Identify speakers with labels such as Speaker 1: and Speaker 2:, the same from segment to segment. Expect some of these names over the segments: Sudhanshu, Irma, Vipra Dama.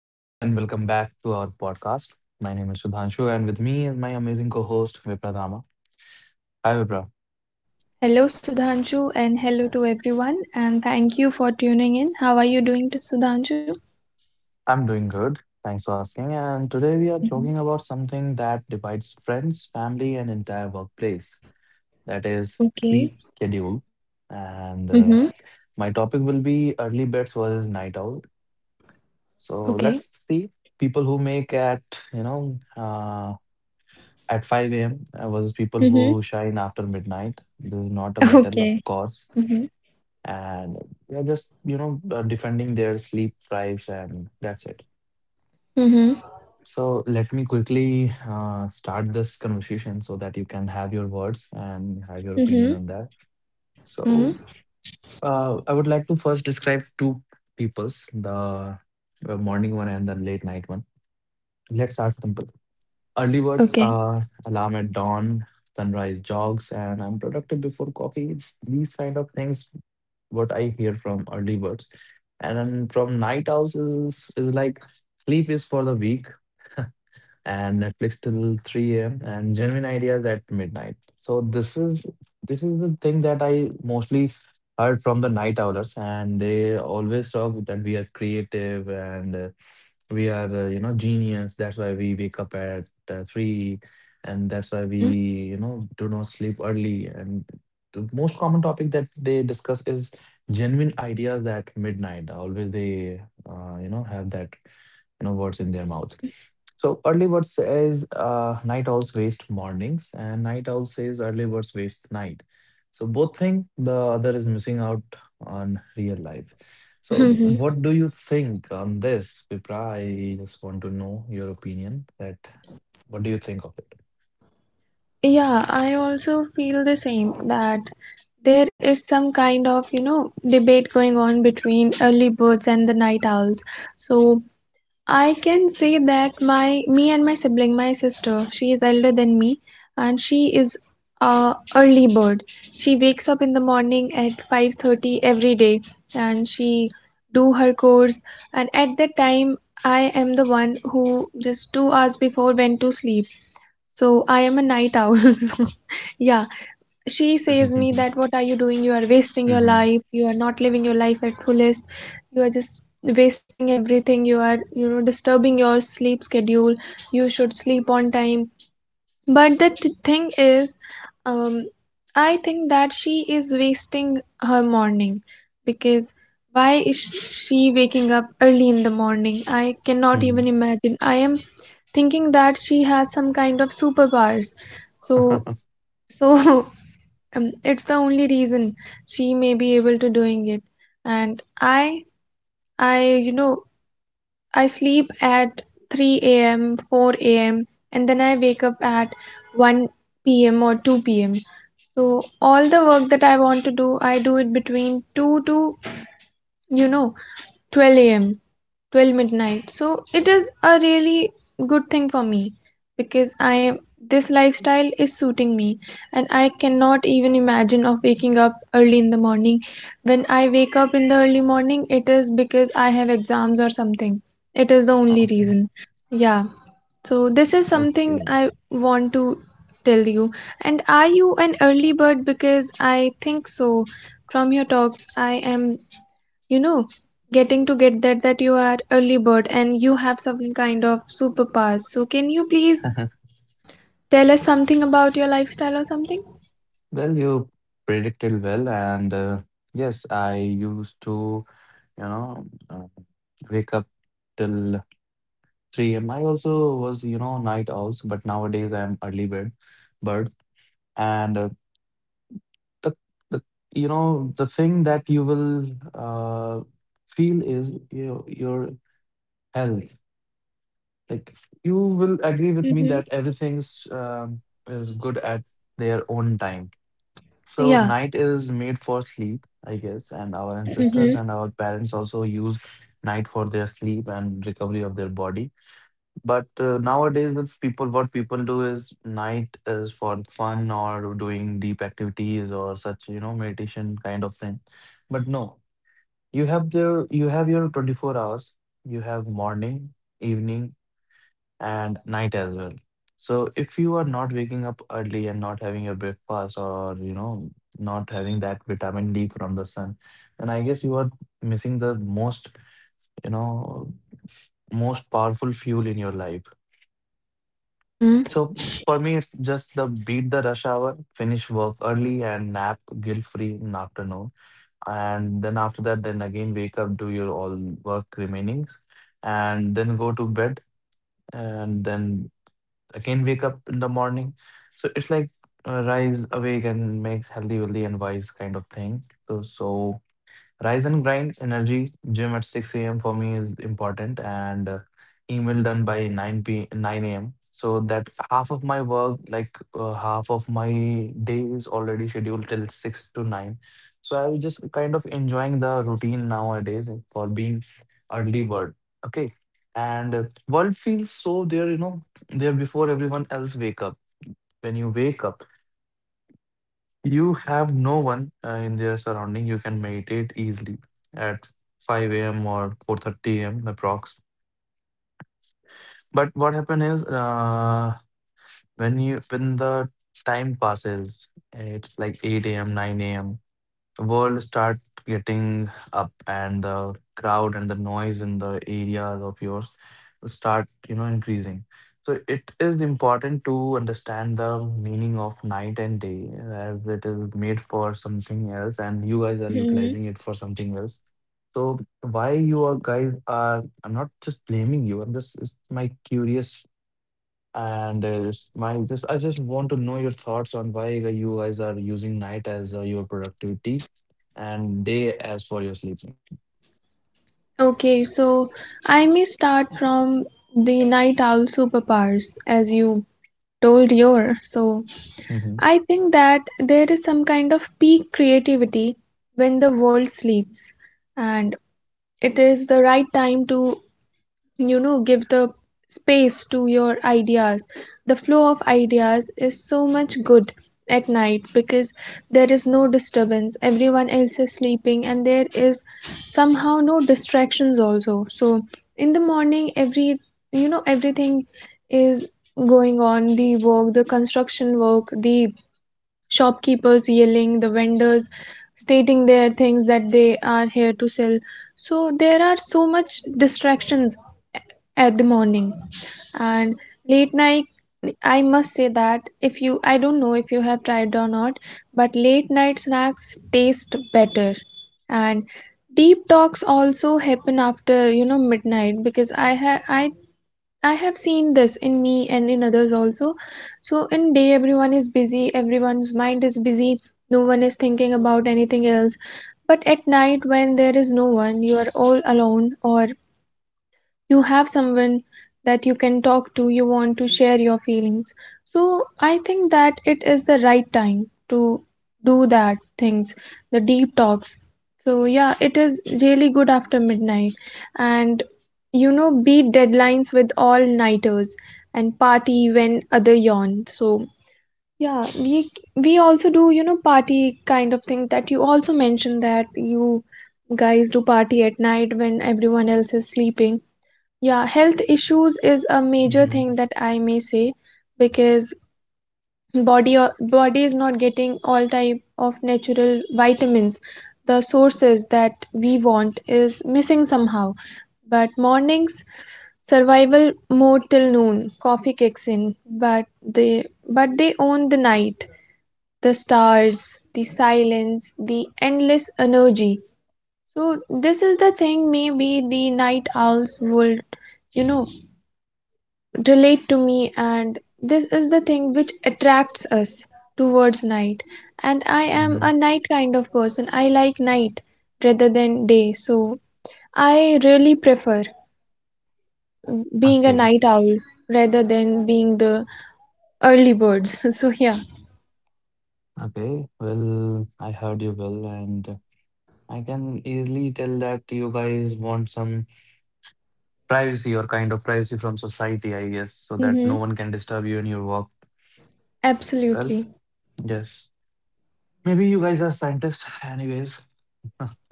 Speaker 1: Hey everyone, and welcome back to our podcast. My name is Sudhanshu, and with me is my amazing co host, Vipra Dama. Hi Vipra,
Speaker 2: Hello, Sudhanshu, and hello to everyone. And thank you for tuning in. How are you doing, to Sudhanshu?
Speaker 1: I'm doing good. Thanks for asking. And today we are
Speaker 2: Mhm.
Speaker 1: talking about something that divides friends, family, and entire workplace, that is,
Speaker 2: Okay.
Speaker 1: sleep schedule. And
Speaker 2: Mm-hmm.
Speaker 1: uh, my topic will be early beds versus night owl. So
Speaker 2: Okay.
Speaker 1: let's see, people who make you know, uh, at 5 a.m. versus people
Speaker 2: Mm-hmm.
Speaker 1: who shine after midnight. This is not a battle, of
Speaker 2: Okay.
Speaker 1: course,
Speaker 2: Mm-hmm.
Speaker 1: and they're just defending their sleep drives, and that's it.
Speaker 2: Mm-hmm.
Speaker 1: So let me quickly start this conversation so that you can have your words and have your
Speaker 2: Mm-hmm.
Speaker 1: opinion on that.
Speaker 2: Mm-hmm.
Speaker 1: So I would like to first describe two peoples, the morning one and the late night one. Let's start simple. Early birds
Speaker 2: Okay.
Speaker 1: are alarm at dawn, sunrise jogs, and I'm productive before coffee, it's these kind of things what I hear from early birds. And then from night owls is like, sleep is for the weak, and Netflix till 3 a.m. and genuine ideas at midnight. So this is the thing that I mostly heard from the night owlers, and they always talk that we are creative, and we are genius. That's why we wake up at 3, and that's why we
Speaker 2: Mm-hmm.
Speaker 1: do not sleep early. And the most common topic that they discuss is genuine ideas at midnight. Always they have that words in their mouth.
Speaker 2: Mm-hmm.
Speaker 1: So early bird says night owls waste mornings, and night owl says early birds waste night. So both think the other is missing out on real life. So
Speaker 2: Mm-hmm.
Speaker 1: what do you think on this, Vipra? I just want to know your opinion. That, what do you think of it?
Speaker 2: Yeah, I also feel the same that there is some kind of, you know, debate going on between early birds and the night owls. So I can say that my me and my sibling, my sister, she is elder than me, and she is a early bird. She wakes up in the morning at 5:30 every day, and she do her course, and at that time I am the one who just 2 hours before went to sleep. So I am a night owl. So yeah, she says me that, what are you doing? You are wasting your
Speaker 1: Hmm.
Speaker 2: life. You are not living your life at fullest. You are just wasting everything. You are, you know, disturbing your sleep schedule. You should sleep on time. But the thing is, um I think that she is wasting her morning. Because why is she waking up early in the morning? I cannot even
Speaker 1: Hmm.
Speaker 2: imagine. I am thinking that she has some kind of superpowers. so so it's the only reason she may be able to doing it. And i i, you know, I sleep at 3 a.m, 4 a.m, and then I wake up at 1 p.m or 2 p.m. So all the work that I want to do, I do it between 2 to, you know, 12 a.m, 12 midnight. So it is a really good thing for me, because I am this lifestyle is suiting me. And I cannot even imagine of waking up early in the morning. When I wake up in the early morning, it is because I have exams or something. It is the only
Speaker 1: Okay.
Speaker 2: reason. Yeah. So this is something
Speaker 1: Okay.
Speaker 2: I want to tell you. And are you an early bird? Because I think so. From your talks, I am, you know, getting to get that you are early bird and you have some kind of superpowers. So can you please tell us something about your lifestyle or something?
Speaker 1: Well, you predicted well, and yes, I used to, you know, uh, wake up till 3 a.m. I also was, you know, night owls, but nowadays I am early bird. And the, the, the thing that you will feel is your health. Like, you will agree with me
Speaker 2: Mm-hmm.
Speaker 1: that everything's is good at their own time. So
Speaker 2: Yeah.
Speaker 1: night is made for sleep, I guess, and our ancestors
Speaker 2: Mm-hmm.
Speaker 1: and our parents also use night for their sleep and recovery of their body. But nowadays, what people do is night is for fun or doing deep activities or such, you know, meditation kind of thing. But no, you have your 24 hours. You have morning, evening, and night as well. So if you are not waking up early and not having your breakfast, or, you know, not having that vitamin D from the sun, then I guess you are missing the most, you know, most powerful fuel in your life.
Speaker 2: Mm-hmm.
Speaker 1: So for me, it's just the beat the rush hour, finish work early, and nap guilt free in afternoon. And then after that, then again wake up, do your all work remainings, and then go to bed, and then again wake up in the morning. So it's like rise awake and makes healthy, wealthy, and wise kind of thing. So rise and grind energy gym at 6 a.m. for me is important, and email done by 9 a.m. So that half of my work, like half of my day is already scheduled till 6 to 9. So I will just kind of enjoying the routine nowadays for being early bird. Okay. And world feels so there before everyone else wake up. When you wake up, you have no one in their surrounding. You can meditate easily at 5 a.m. or 4:30 a.m. approx. But what happen is when you when the time passes, it's like 8 a.m., 9 a.m, world start getting up, and the crowd and the noise in the areas of yours start increasing. So it is important to understand the meaning of night and day, as it is made for something else and you guys are
Speaker 2: Mm-hmm.
Speaker 1: utilizing it for something else. So why you are guys are, I'm not just blaming you, I'm just, it's my curious, and my just I just want to know your thoughts on why you guys are using night as your productivity, and day as for your sleeping.
Speaker 2: Okay, so I may start from the night owl superpowers as you told your. So
Speaker 1: Mm-hmm.
Speaker 2: I think that there is some kind of peak creativity when the world sleeps, and it is the right time to, you know, give the space to your ideas. The flow of ideas is so much good at night, because there is no disturbance, everyone else is sleeping, and there is somehow no distractions also. So in the morning, every you know, everything is going on, the work, the construction work, the shopkeepers yelling, the vendors stating their things that they are here to sell. So there are so much distractions at the morning. And late night, I must say that, if you I don't know if you have tried or not, but late night snacks taste better. And deep talks also happen after, you know, midnight. Because I have seen this in me and in others also. So in day, everyone is busy, everyone's mind is busy, no one is thinking about anything else. But at night, when there is no one, you are all alone, or you have someone that you can talk to, you want to share your feelings. So I think that it is the right time to do that things, the deep talks. So yeah, it is really good after midnight. And you know, beat deadlines with all nighters, and party when other yawn. So yeah, we also do, you know, party kind of thing that you also mentioned that you guys do party at night when everyone else is sleeping. Yeah, health issues is a major
Speaker 1: Mm-hmm.
Speaker 2: thing that I may say, because body is not getting all type of natural vitamins. The sources that we want is missing somehow. But mornings survival mode till noon, coffee kicks in, but they own the night, the stars, the silence, the endless energy. So this is the thing, maybe the night owls would, you know, relate to me. And this is the thing which attracts us towards night. And I am
Speaker 1: Mm-hmm.
Speaker 2: a night kind of person. I like night rather than day. So I really prefer being a
Speaker 1: Okay.
Speaker 2: night owl rather than being the early birds. So yeah.
Speaker 1: Okay. Well, I heard you well, and I can easily tell that you guys want some privacy or kind of privacy from society, I guess, so that no
Speaker 2: Mm-hmm.
Speaker 1: one can disturb you in your work. Well,
Speaker 2: Absolutely.
Speaker 1: yes. Maybe you guys are scientists, anyways.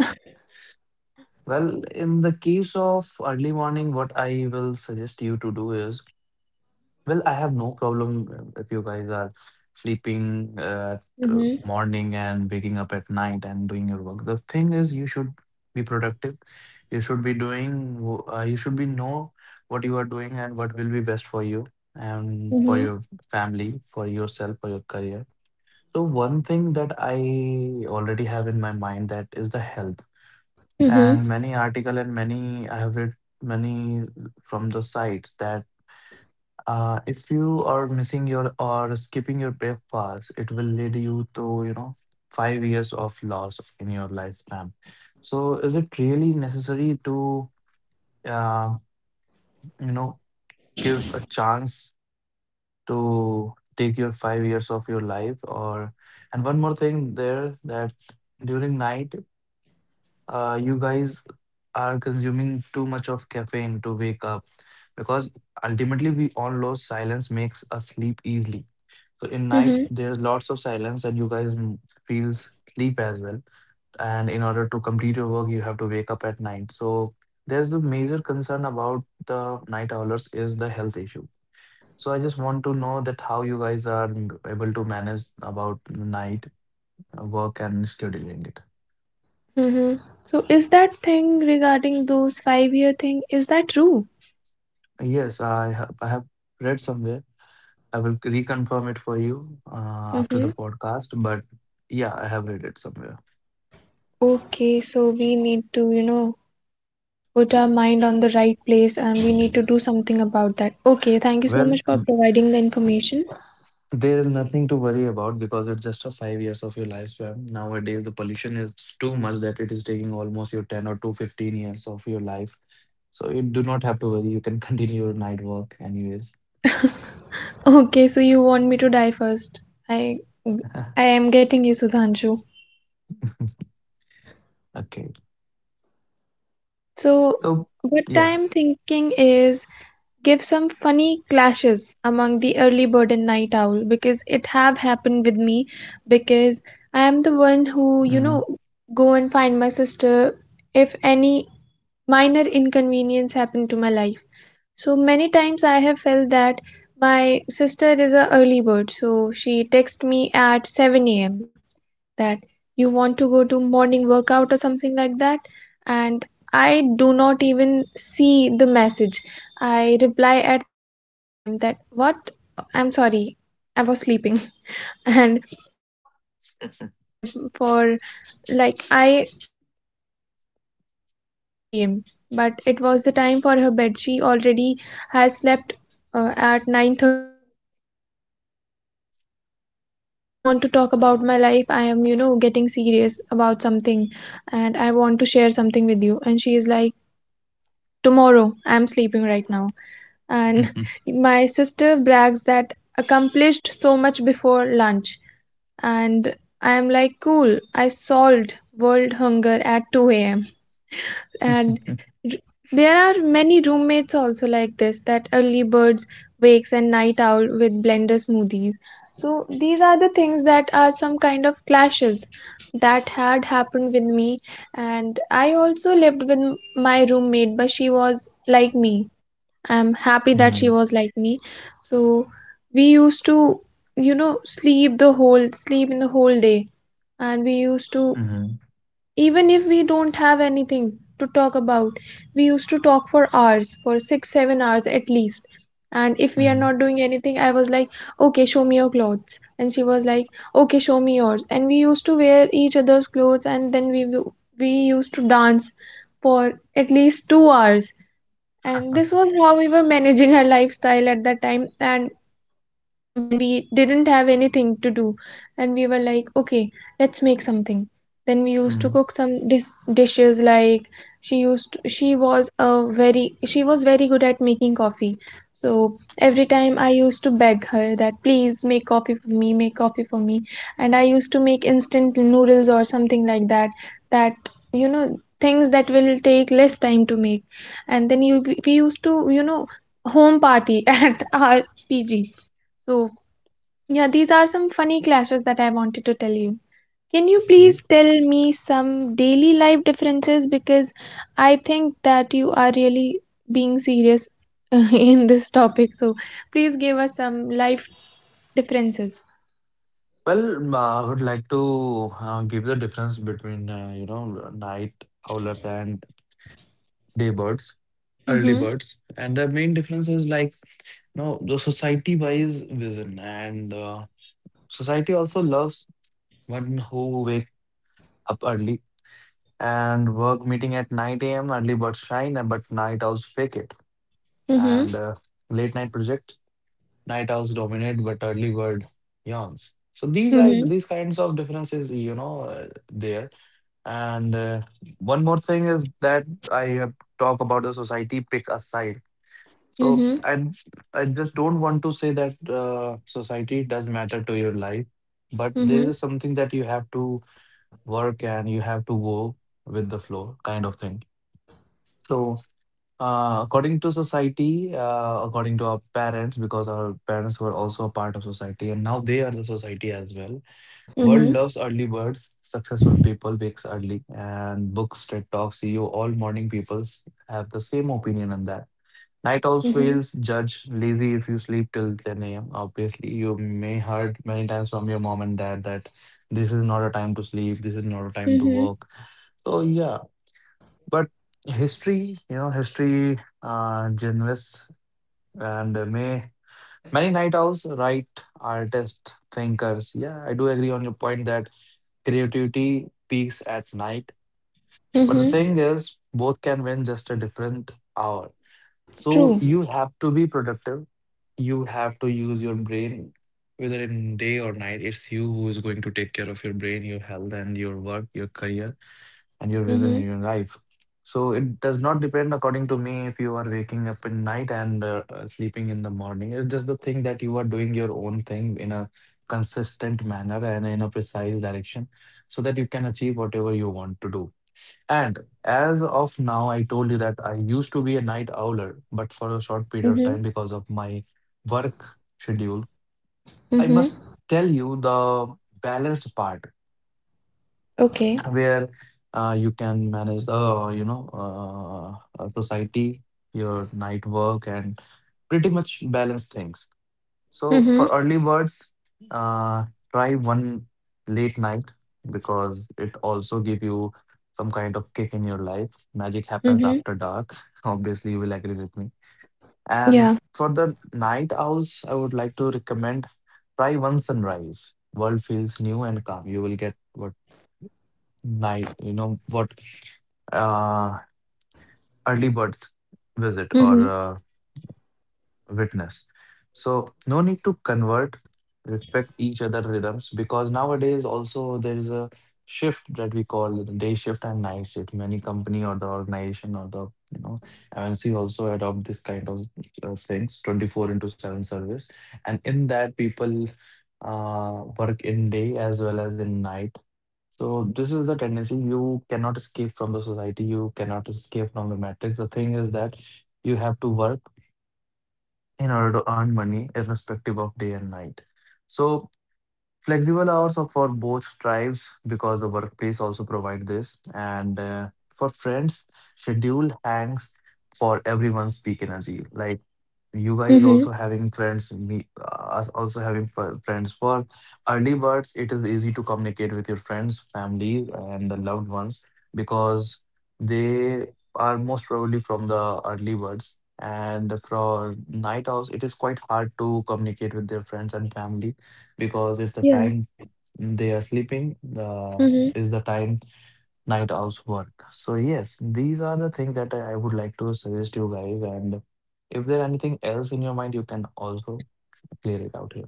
Speaker 1: Well, in the case of early morning, what I will suggest you to do is, well, I have no problem if you guys are sleeping at
Speaker 2: Mm-hmm.
Speaker 1: morning and waking up at night and doing your work. The thing is, you should be productive. You should be doing, you should be know what you are doing, and what will be best for you and for
Speaker 2: Mm-hmm.
Speaker 1: your family, for yourself, for your career. So one thing that I already have in my mind that is the health, and
Speaker 2: Mhm.
Speaker 1: many article and many I have read many from the sites that if you are missing your or skipping your breakfast, it will lead you to 5 years of loss in your lifespan. So is it really necessary to uh, you know give a chance to take your 5 years of your life, or and one more thing there that during night, you guys are consuming too much of caffeine to wake up, because ultimately we all know silence makes us sleep easily. So in night
Speaker 2: Mhm.
Speaker 1: there's lots of silence, and you guys feels sleep as well, and in order to complete your work you have to wake up at night. So there's the major concern about the night owlers is the health issue. So I just want to know that how you guys are able to manage about night work and scheduling it.
Speaker 2: Mhm. So is that thing regarding those 5-year thing, is that true?
Speaker 1: Yes, I have read somewhere. I will reconfirm it for you after the
Speaker 2: Mm-hmm.
Speaker 1: podcast, but yeah, I have read it somewhere.
Speaker 2: Okay, so we need to, you know, put our mind on the right place, and we need to do something about that. Okay, thank you so much
Speaker 1: Well,
Speaker 2: for providing the information.
Speaker 1: there is nothing to worry about, because it's just a 5 years of your lifespan. Nowadays, the pollution is too much that it is taking almost your 10 or 2 15 years of your life. So you do not have to worry. You can continue your night work anyways.
Speaker 2: Okay, so you want me to die first. I I am getting you, Sudhanshu.
Speaker 1: Okay.
Speaker 2: So
Speaker 1: So,
Speaker 2: what
Speaker 1: yeah.
Speaker 2: I'm thinking is, give some funny clashes among the early bird and night owl, because it have happened with me. Because I am the one who, you
Speaker 1: Mhm.
Speaker 2: know, go and find my sister if any minor inconvenience happened to my life. So many times I have felt that my sister is a early bird, so she texts me at 7 a.m. that, you want to go to morning workout or something like that, and I do not even see the message. I reply at 3 p.m. that, what? I'm sorry, I was sleeping. And she calls me at
Speaker 1: Mhm.
Speaker 2: 11 p.m. for, like, I used to call her at 11 p.m., but it was the time for her bed. She already has slept at 9:30 or 10 p.m. So I am like, do you want to talk about my life? I am, you know, getting serious about something, and I want to share something with you. And she is like, tomorrow. I'm sleeping right now. And
Speaker 1: Mhm.
Speaker 2: my sister brags that accomplished so much before lunch. And I am like, cool, I solved world hunger at 2 a.m. And r- there are many roommates also like this, that early birds wakes and night owl with blender smoothies. So these are the things that are some kind of clashes that had happened with me. And I also lived with my roommate, but she was like me. I'm happy that she
Speaker 1: Mhm.
Speaker 2: was like me. So we used to, you know, sleep the whole sleep in the whole day. And we used to,
Speaker 1: Mhm.
Speaker 2: even if we don't have anything to talk about, we used to talk for hours, for six, 7 hours at least. And if we are
Speaker 1: Mhm.
Speaker 2: not doing anything, I was like, okay, show me your clothes. And she was like, okay, show me yours. And we used to wear each other's clothes, and then we used to dance for at least 2 hours, and this was how we were managing her lifestyle at that time. And when we didn't have anything to do, and we were like, okay, let's make something, then we used to cook some dishes like, she was a very she was very good at making coffee. So every time I used to beg her that, please make coffee for me, make coffee for me. And I used to make instant noodles or something like that, that you know, things that will take less time to make. And then you we used to, you know, home party at our PG. So, yeah, these are some funny clashes that I wanted to tell you. Can you please
Speaker 1: Okay.
Speaker 2: tell me some daily life differences? Because I think that you are really being serious in this topic. So, please give us some life differences.
Speaker 1: Well, I would like to give the difference between night owlers and day birds, early
Speaker 2: Mm-hmm.
Speaker 1: birds. And the main difference is like the society wise vision, and society also loves one who wake up early, and work meeting at 9 a.m. Early birds shine, but night owls fake it,
Speaker 2: Mm-hmm.
Speaker 1: and late night project night owls dominate, but early bird yawns. So these are
Speaker 2: Mm-hmm.
Speaker 1: these kinds of differences, there. And one more thing is that I have talk about the society pick a side. So and I just don't want to say that society does matter to your life, but there
Speaker 2: Mm-hmm.
Speaker 1: is something that you have to work and you have to go with the flow kind of thing. So according to society, according to our parents, because our parents were also a part of society, and now they are the society as well. World
Speaker 2: Mm-hmm.
Speaker 1: loves early birds. Successful people wakes early, and books, TED Talks, you all morning peoples have the same opinion on that. Night owls
Speaker 2: Mm-hmm.
Speaker 1: feels judge lazy if you sleep till 10 a.m. Obviously, you may heard many times from your mom and dad that this is not a time to sleep, this is not a time to
Speaker 2: Mm-hmm.
Speaker 1: work. So yeah, but history, generous, and may many night owls, right? Artists, thinkers. Yeah, I do agree on your point that creativity peaks at night. But the
Speaker 2: Mm-hmm.
Speaker 1: thing is, both can win just a different hour.
Speaker 2: True.
Speaker 1: So you have to be productive. You have to use your brain, whether in day or night. It's you who is going to take care of your brain, your health, and your work, your career, and your vision
Speaker 2: Mm-hmm.
Speaker 1: in your life. So it does not depend, according to me, if you are waking up in night and sleeping in the morning. It's just the thing that you are doing your own thing in a consistent manner and in a precise direction, so that you can achieve whatever you want to do. And as of now, I told you that I used to be a night owler, but for a short period of
Speaker 2: Mm-hmm.
Speaker 1: time because of my work schedule, I
Speaker 2: Mm-hmm.
Speaker 1: must tell you the balanced part
Speaker 2: Okay.
Speaker 1: where you can manage the society, your night work, and pretty much balance things. So
Speaker 2: Mm-hmm.
Speaker 1: for early birds, uh, try one late night, because it also give you some kind of kick in your life. Magic happens
Speaker 2: Mm-hmm.
Speaker 1: after dark. Obviously you will agree with me. And
Speaker 2: Yeah.
Speaker 1: for the night owls, I would like to recommend, try one sunrise. World feels new and calm. You will get what night, you know what uh, early birds visit or
Speaker 2: Mm-hmm.
Speaker 1: witness. So no need to convert, respect each other rhythms, because nowadays also there is a shift that we call the day shift and night shift. Many company or the organization or the MNC also adopt this kind of things, 24 into 7 service, and in that people work in day as well as in night. So this is the tendency. You cannot escape from the society. You cannot escape from the matrix. The thing is that you have to work in order to earn money, irrespective of day and night. So flexible hours are for both tribes, because the workplace also provide this. And for friends, schedule hangs for everyone's peak energy. Like you guys also
Speaker 2: Mm-hmm.
Speaker 1: having friends, me us also having friends. For early birds, it is easy to communicate with your friends, families, and the loved ones, because they are most probably from the early birds. And for night owls, it is quite hard to communicate with their friends and family, because if the
Speaker 2: Yeah.
Speaker 1: time they are sleeping, the
Speaker 2: Mm-hmm.
Speaker 1: is the time night owls work. So yes, these are the things that I would like to suggest you guys. And if there anything else in your mind, you can also clear it out here.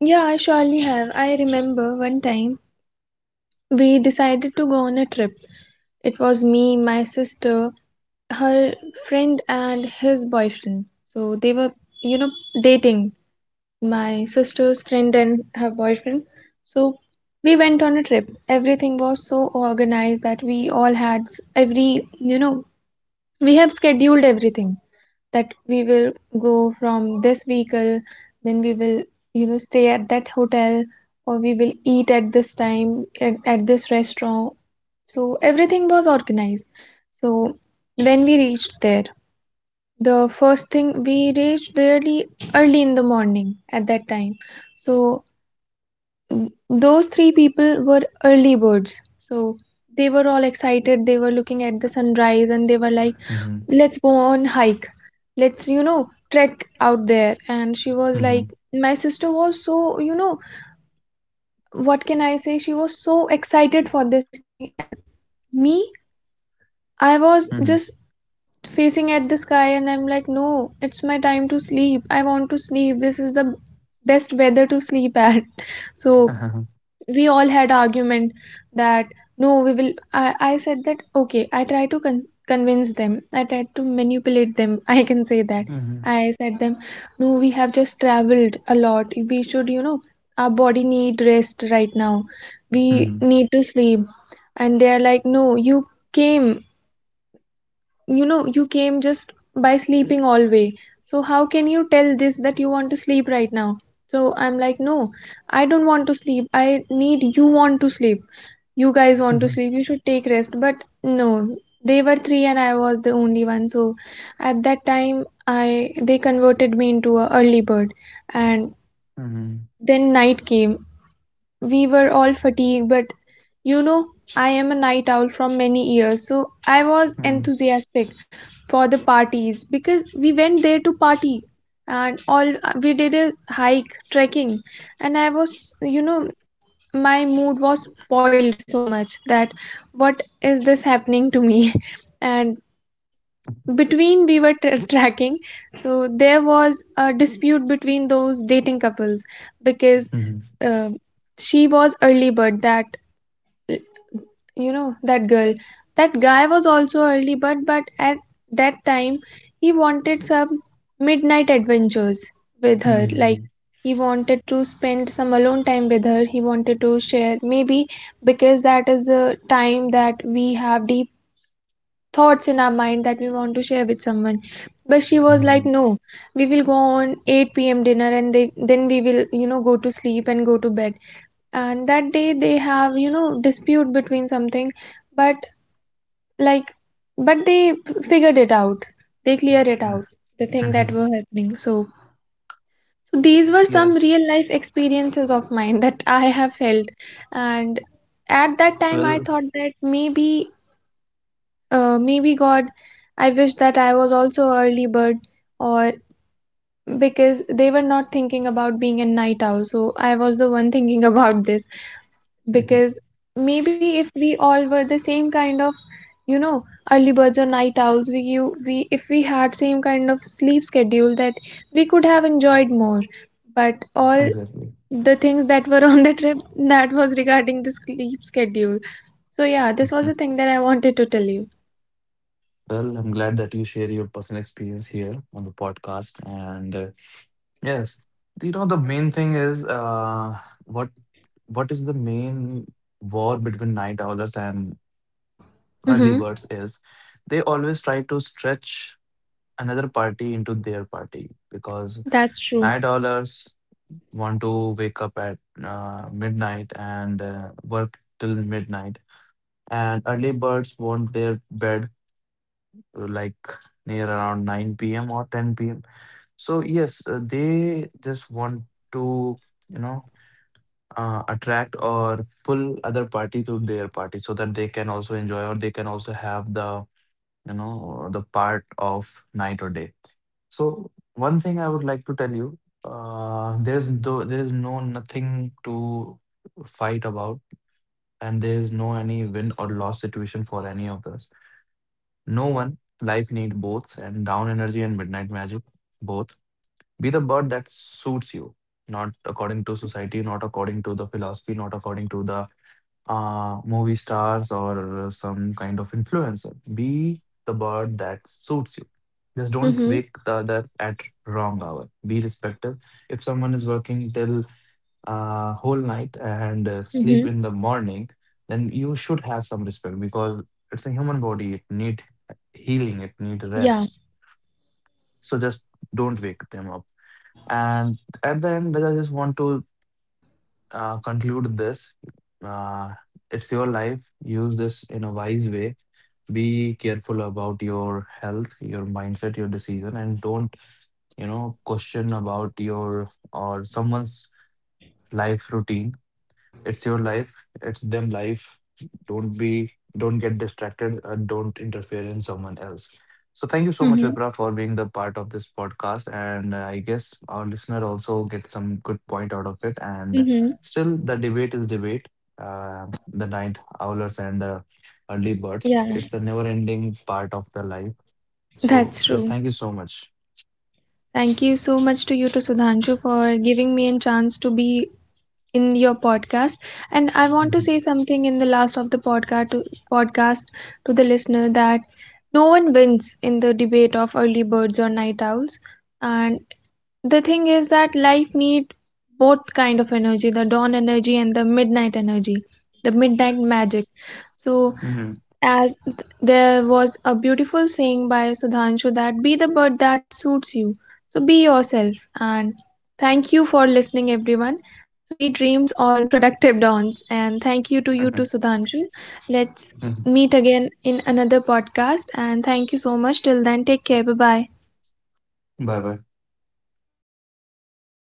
Speaker 2: Yeah, I surely have. I remember one time we decided to go on a trip. It was me, my sister, her friend, and his boyfriend. So they were, you know, dating, my sister's friend and her boyfriend. So we went on a trip. Everything was so organized that we all had you know, we have scheduled everything, that we will go from this vehicle, then we will, you know, stay at that hotel, or we will eat at this time at, this restaurant. So everything was organized. So when we reached there, the first thing, we reached really early in the morning at that time. So those three people were early birds. So they were all excited. They were looking at the sunrise and they were like,
Speaker 1: Mhm,
Speaker 2: let's go on hike, let's trek out there. And she was
Speaker 1: mhm,
Speaker 2: like, my sister was so, you know what can I say she was so excited for this thing. And me, I was
Speaker 1: mhm.
Speaker 2: just facing at the sky and I'm like, no, it's my time to sleep, I want to sleep, this is the best weather to sleep at. So we all had argument that no, we will I said that, okay, I try to convince them, I tried to manipulate them. I can say that
Speaker 1: Mhm, mhm,
Speaker 2: I said them, no, we have just traveled a lot, we should, our body need rest right now, we
Speaker 1: mhm,
Speaker 2: need to sleep. And they're like, no, you came, you came just by sleeping all way, so how can you tell this that you want to sleep right now. So I'm like, no, I don't want to sleep, I need you want to sleep, you guys want to
Speaker 1: mhm,
Speaker 2: sleep, you should take rest. But no, they were three and I was the only one. So at that time I they converted me into a early bird. And then night came, we were all fatigued, but you know, I am a night owl from many years, so I was
Speaker 1: mhm,
Speaker 2: enthusiastic for the parties, because we went there to party. And all we did is hike, trekking. And I was, my mood was spoiled so much that what is this happening to me? And between we were tracking, so there was a dispute between those dating couples, because
Speaker 1: mhm.
Speaker 2: uh, she was early bird that, uh, that girl, that guy was also early bird, but at that time he wanted some midnight adventures with her, like
Speaker 1: Mhm,
Speaker 2: he wanted to spend some alone time with her, he wanted to share, maybe, because that is the time that we have deep thoughts in our mind that we want to share with someone. But she was
Speaker 1: mhm,
Speaker 2: like, no, we will go on 8 p.m dinner and they then we will go to sleep and go to bed. And that day they have dispute between something, but like, but they figured it out, they cleared it
Speaker 1: mhm,
Speaker 2: out, the thing that
Speaker 1: mhm.
Speaker 2: were happening. So, so these were some
Speaker 1: Yes.
Speaker 2: real life experiences of mine that I have felt. And at that time
Speaker 1: Well,
Speaker 2: I thought that maybe, maybe God, I wish that I was also a early bird, or, because they were not thinking about being a night owl, so I was the one thinking about this.
Speaker 1: mhm,
Speaker 2: Because maybe if we all were the same kind of, you know, early birds or night owls, we you we if we had same kind of sleep schedule, that we could have enjoyed more. But all
Speaker 1: exactly.
Speaker 2: the things that were on the trip, that was regarding the sleep schedule. So yeah, this
Speaker 1: Mhm.
Speaker 2: was the thing that I wanted to tell you.
Speaker 1: Well, I'm glad that you share your personal experience here on the podcast. And yes, you know the main thing is, what what is the main war between night owlers and early
Speaker 2: Mm-hmm.
Speaker 1: birds is they always try to stretch another party into their party. Because
Speaker 2: That's true.
Speaker 1: night owlers want to wake up at midnight and work till midnight. And early birds want their bed, like near around 9 p.m. or 10 p.m. So, yes, they just want to, you know, attract or pull other party to their party so that they can also enjoy, or they can also have the, you know, the part of night or day. So one thing I would like to tell you, there's, though there is no nothing to fight about, and there is no any win or loss situation for any of us. No one life needs both, and down energy and midnight magic, both. Be the bird that suits you. Not according to
Speaker 2: Mhm,
Speaker 1: society, not according to the philosophy, not according to the movie stars or some kind of influencer. Be the bird that suits you. Just don't wake
Speaker 2: mhm,
Speaker 1: the other at wrong hour. Be respectful. If someone is working till whole night and sleep in
Speaker 2: mhm.
Speaker 1: the morning, then you should have some respect, because it's a human body. It need healing. It need rest.
Speaker 2: Yeah.
Speaker 1: So just don't wake them up. And at the end, I just want to conclude this. Uh, it's your life. Use this in a wise way. Be careful about your health, your mindset, your decision, and don't, you know, question about your or someone's life routine. It's your life. It's them life. Don't be, don't get distracted, and don't interfere in someone else. So thank you so much, Vipra,
Speaker 2: Mhm,
Speaker 1: for being the part of this podcast. And I guess our listener also get some good point out of it. And
Speaker 2: mhm.
Speaker 1: still the debate is debate. uh, the night owlers and the early birds, it's
Speaker 2: Yeah,
Speaker 1: a never ending part of the life. So yes,
Speaker 2: that's
Speaker 1: thank you
Speaker 2: true.
Speaker 1: so much.
Speaker 2: Thank you so much to you, to Sudhanshu, for giving me a chance to be in your podcast. And I want to say something in the last of the podcast to, podcast to the listener, that no one wins in the debate of early birds or night owls. And the thing is that life needs both kind of energy, the dawn energy and the midnight energy, the midnight magic. So,
Speaker 1: Hmm.
Speaker 2: as there was a beautiful saying by Sudhanshu that be the bird that suits you. So be yourself. And thank you for listening, everyone. Sweet dreams or productive dawns. And thank you to you too, Sudhanshu. Let's
Speaker 1: Hmm.
Speaker 2: meet again in another podcast. And thank you so much. Till then, take care. Bye bye.
Speaker 1: Bye bye.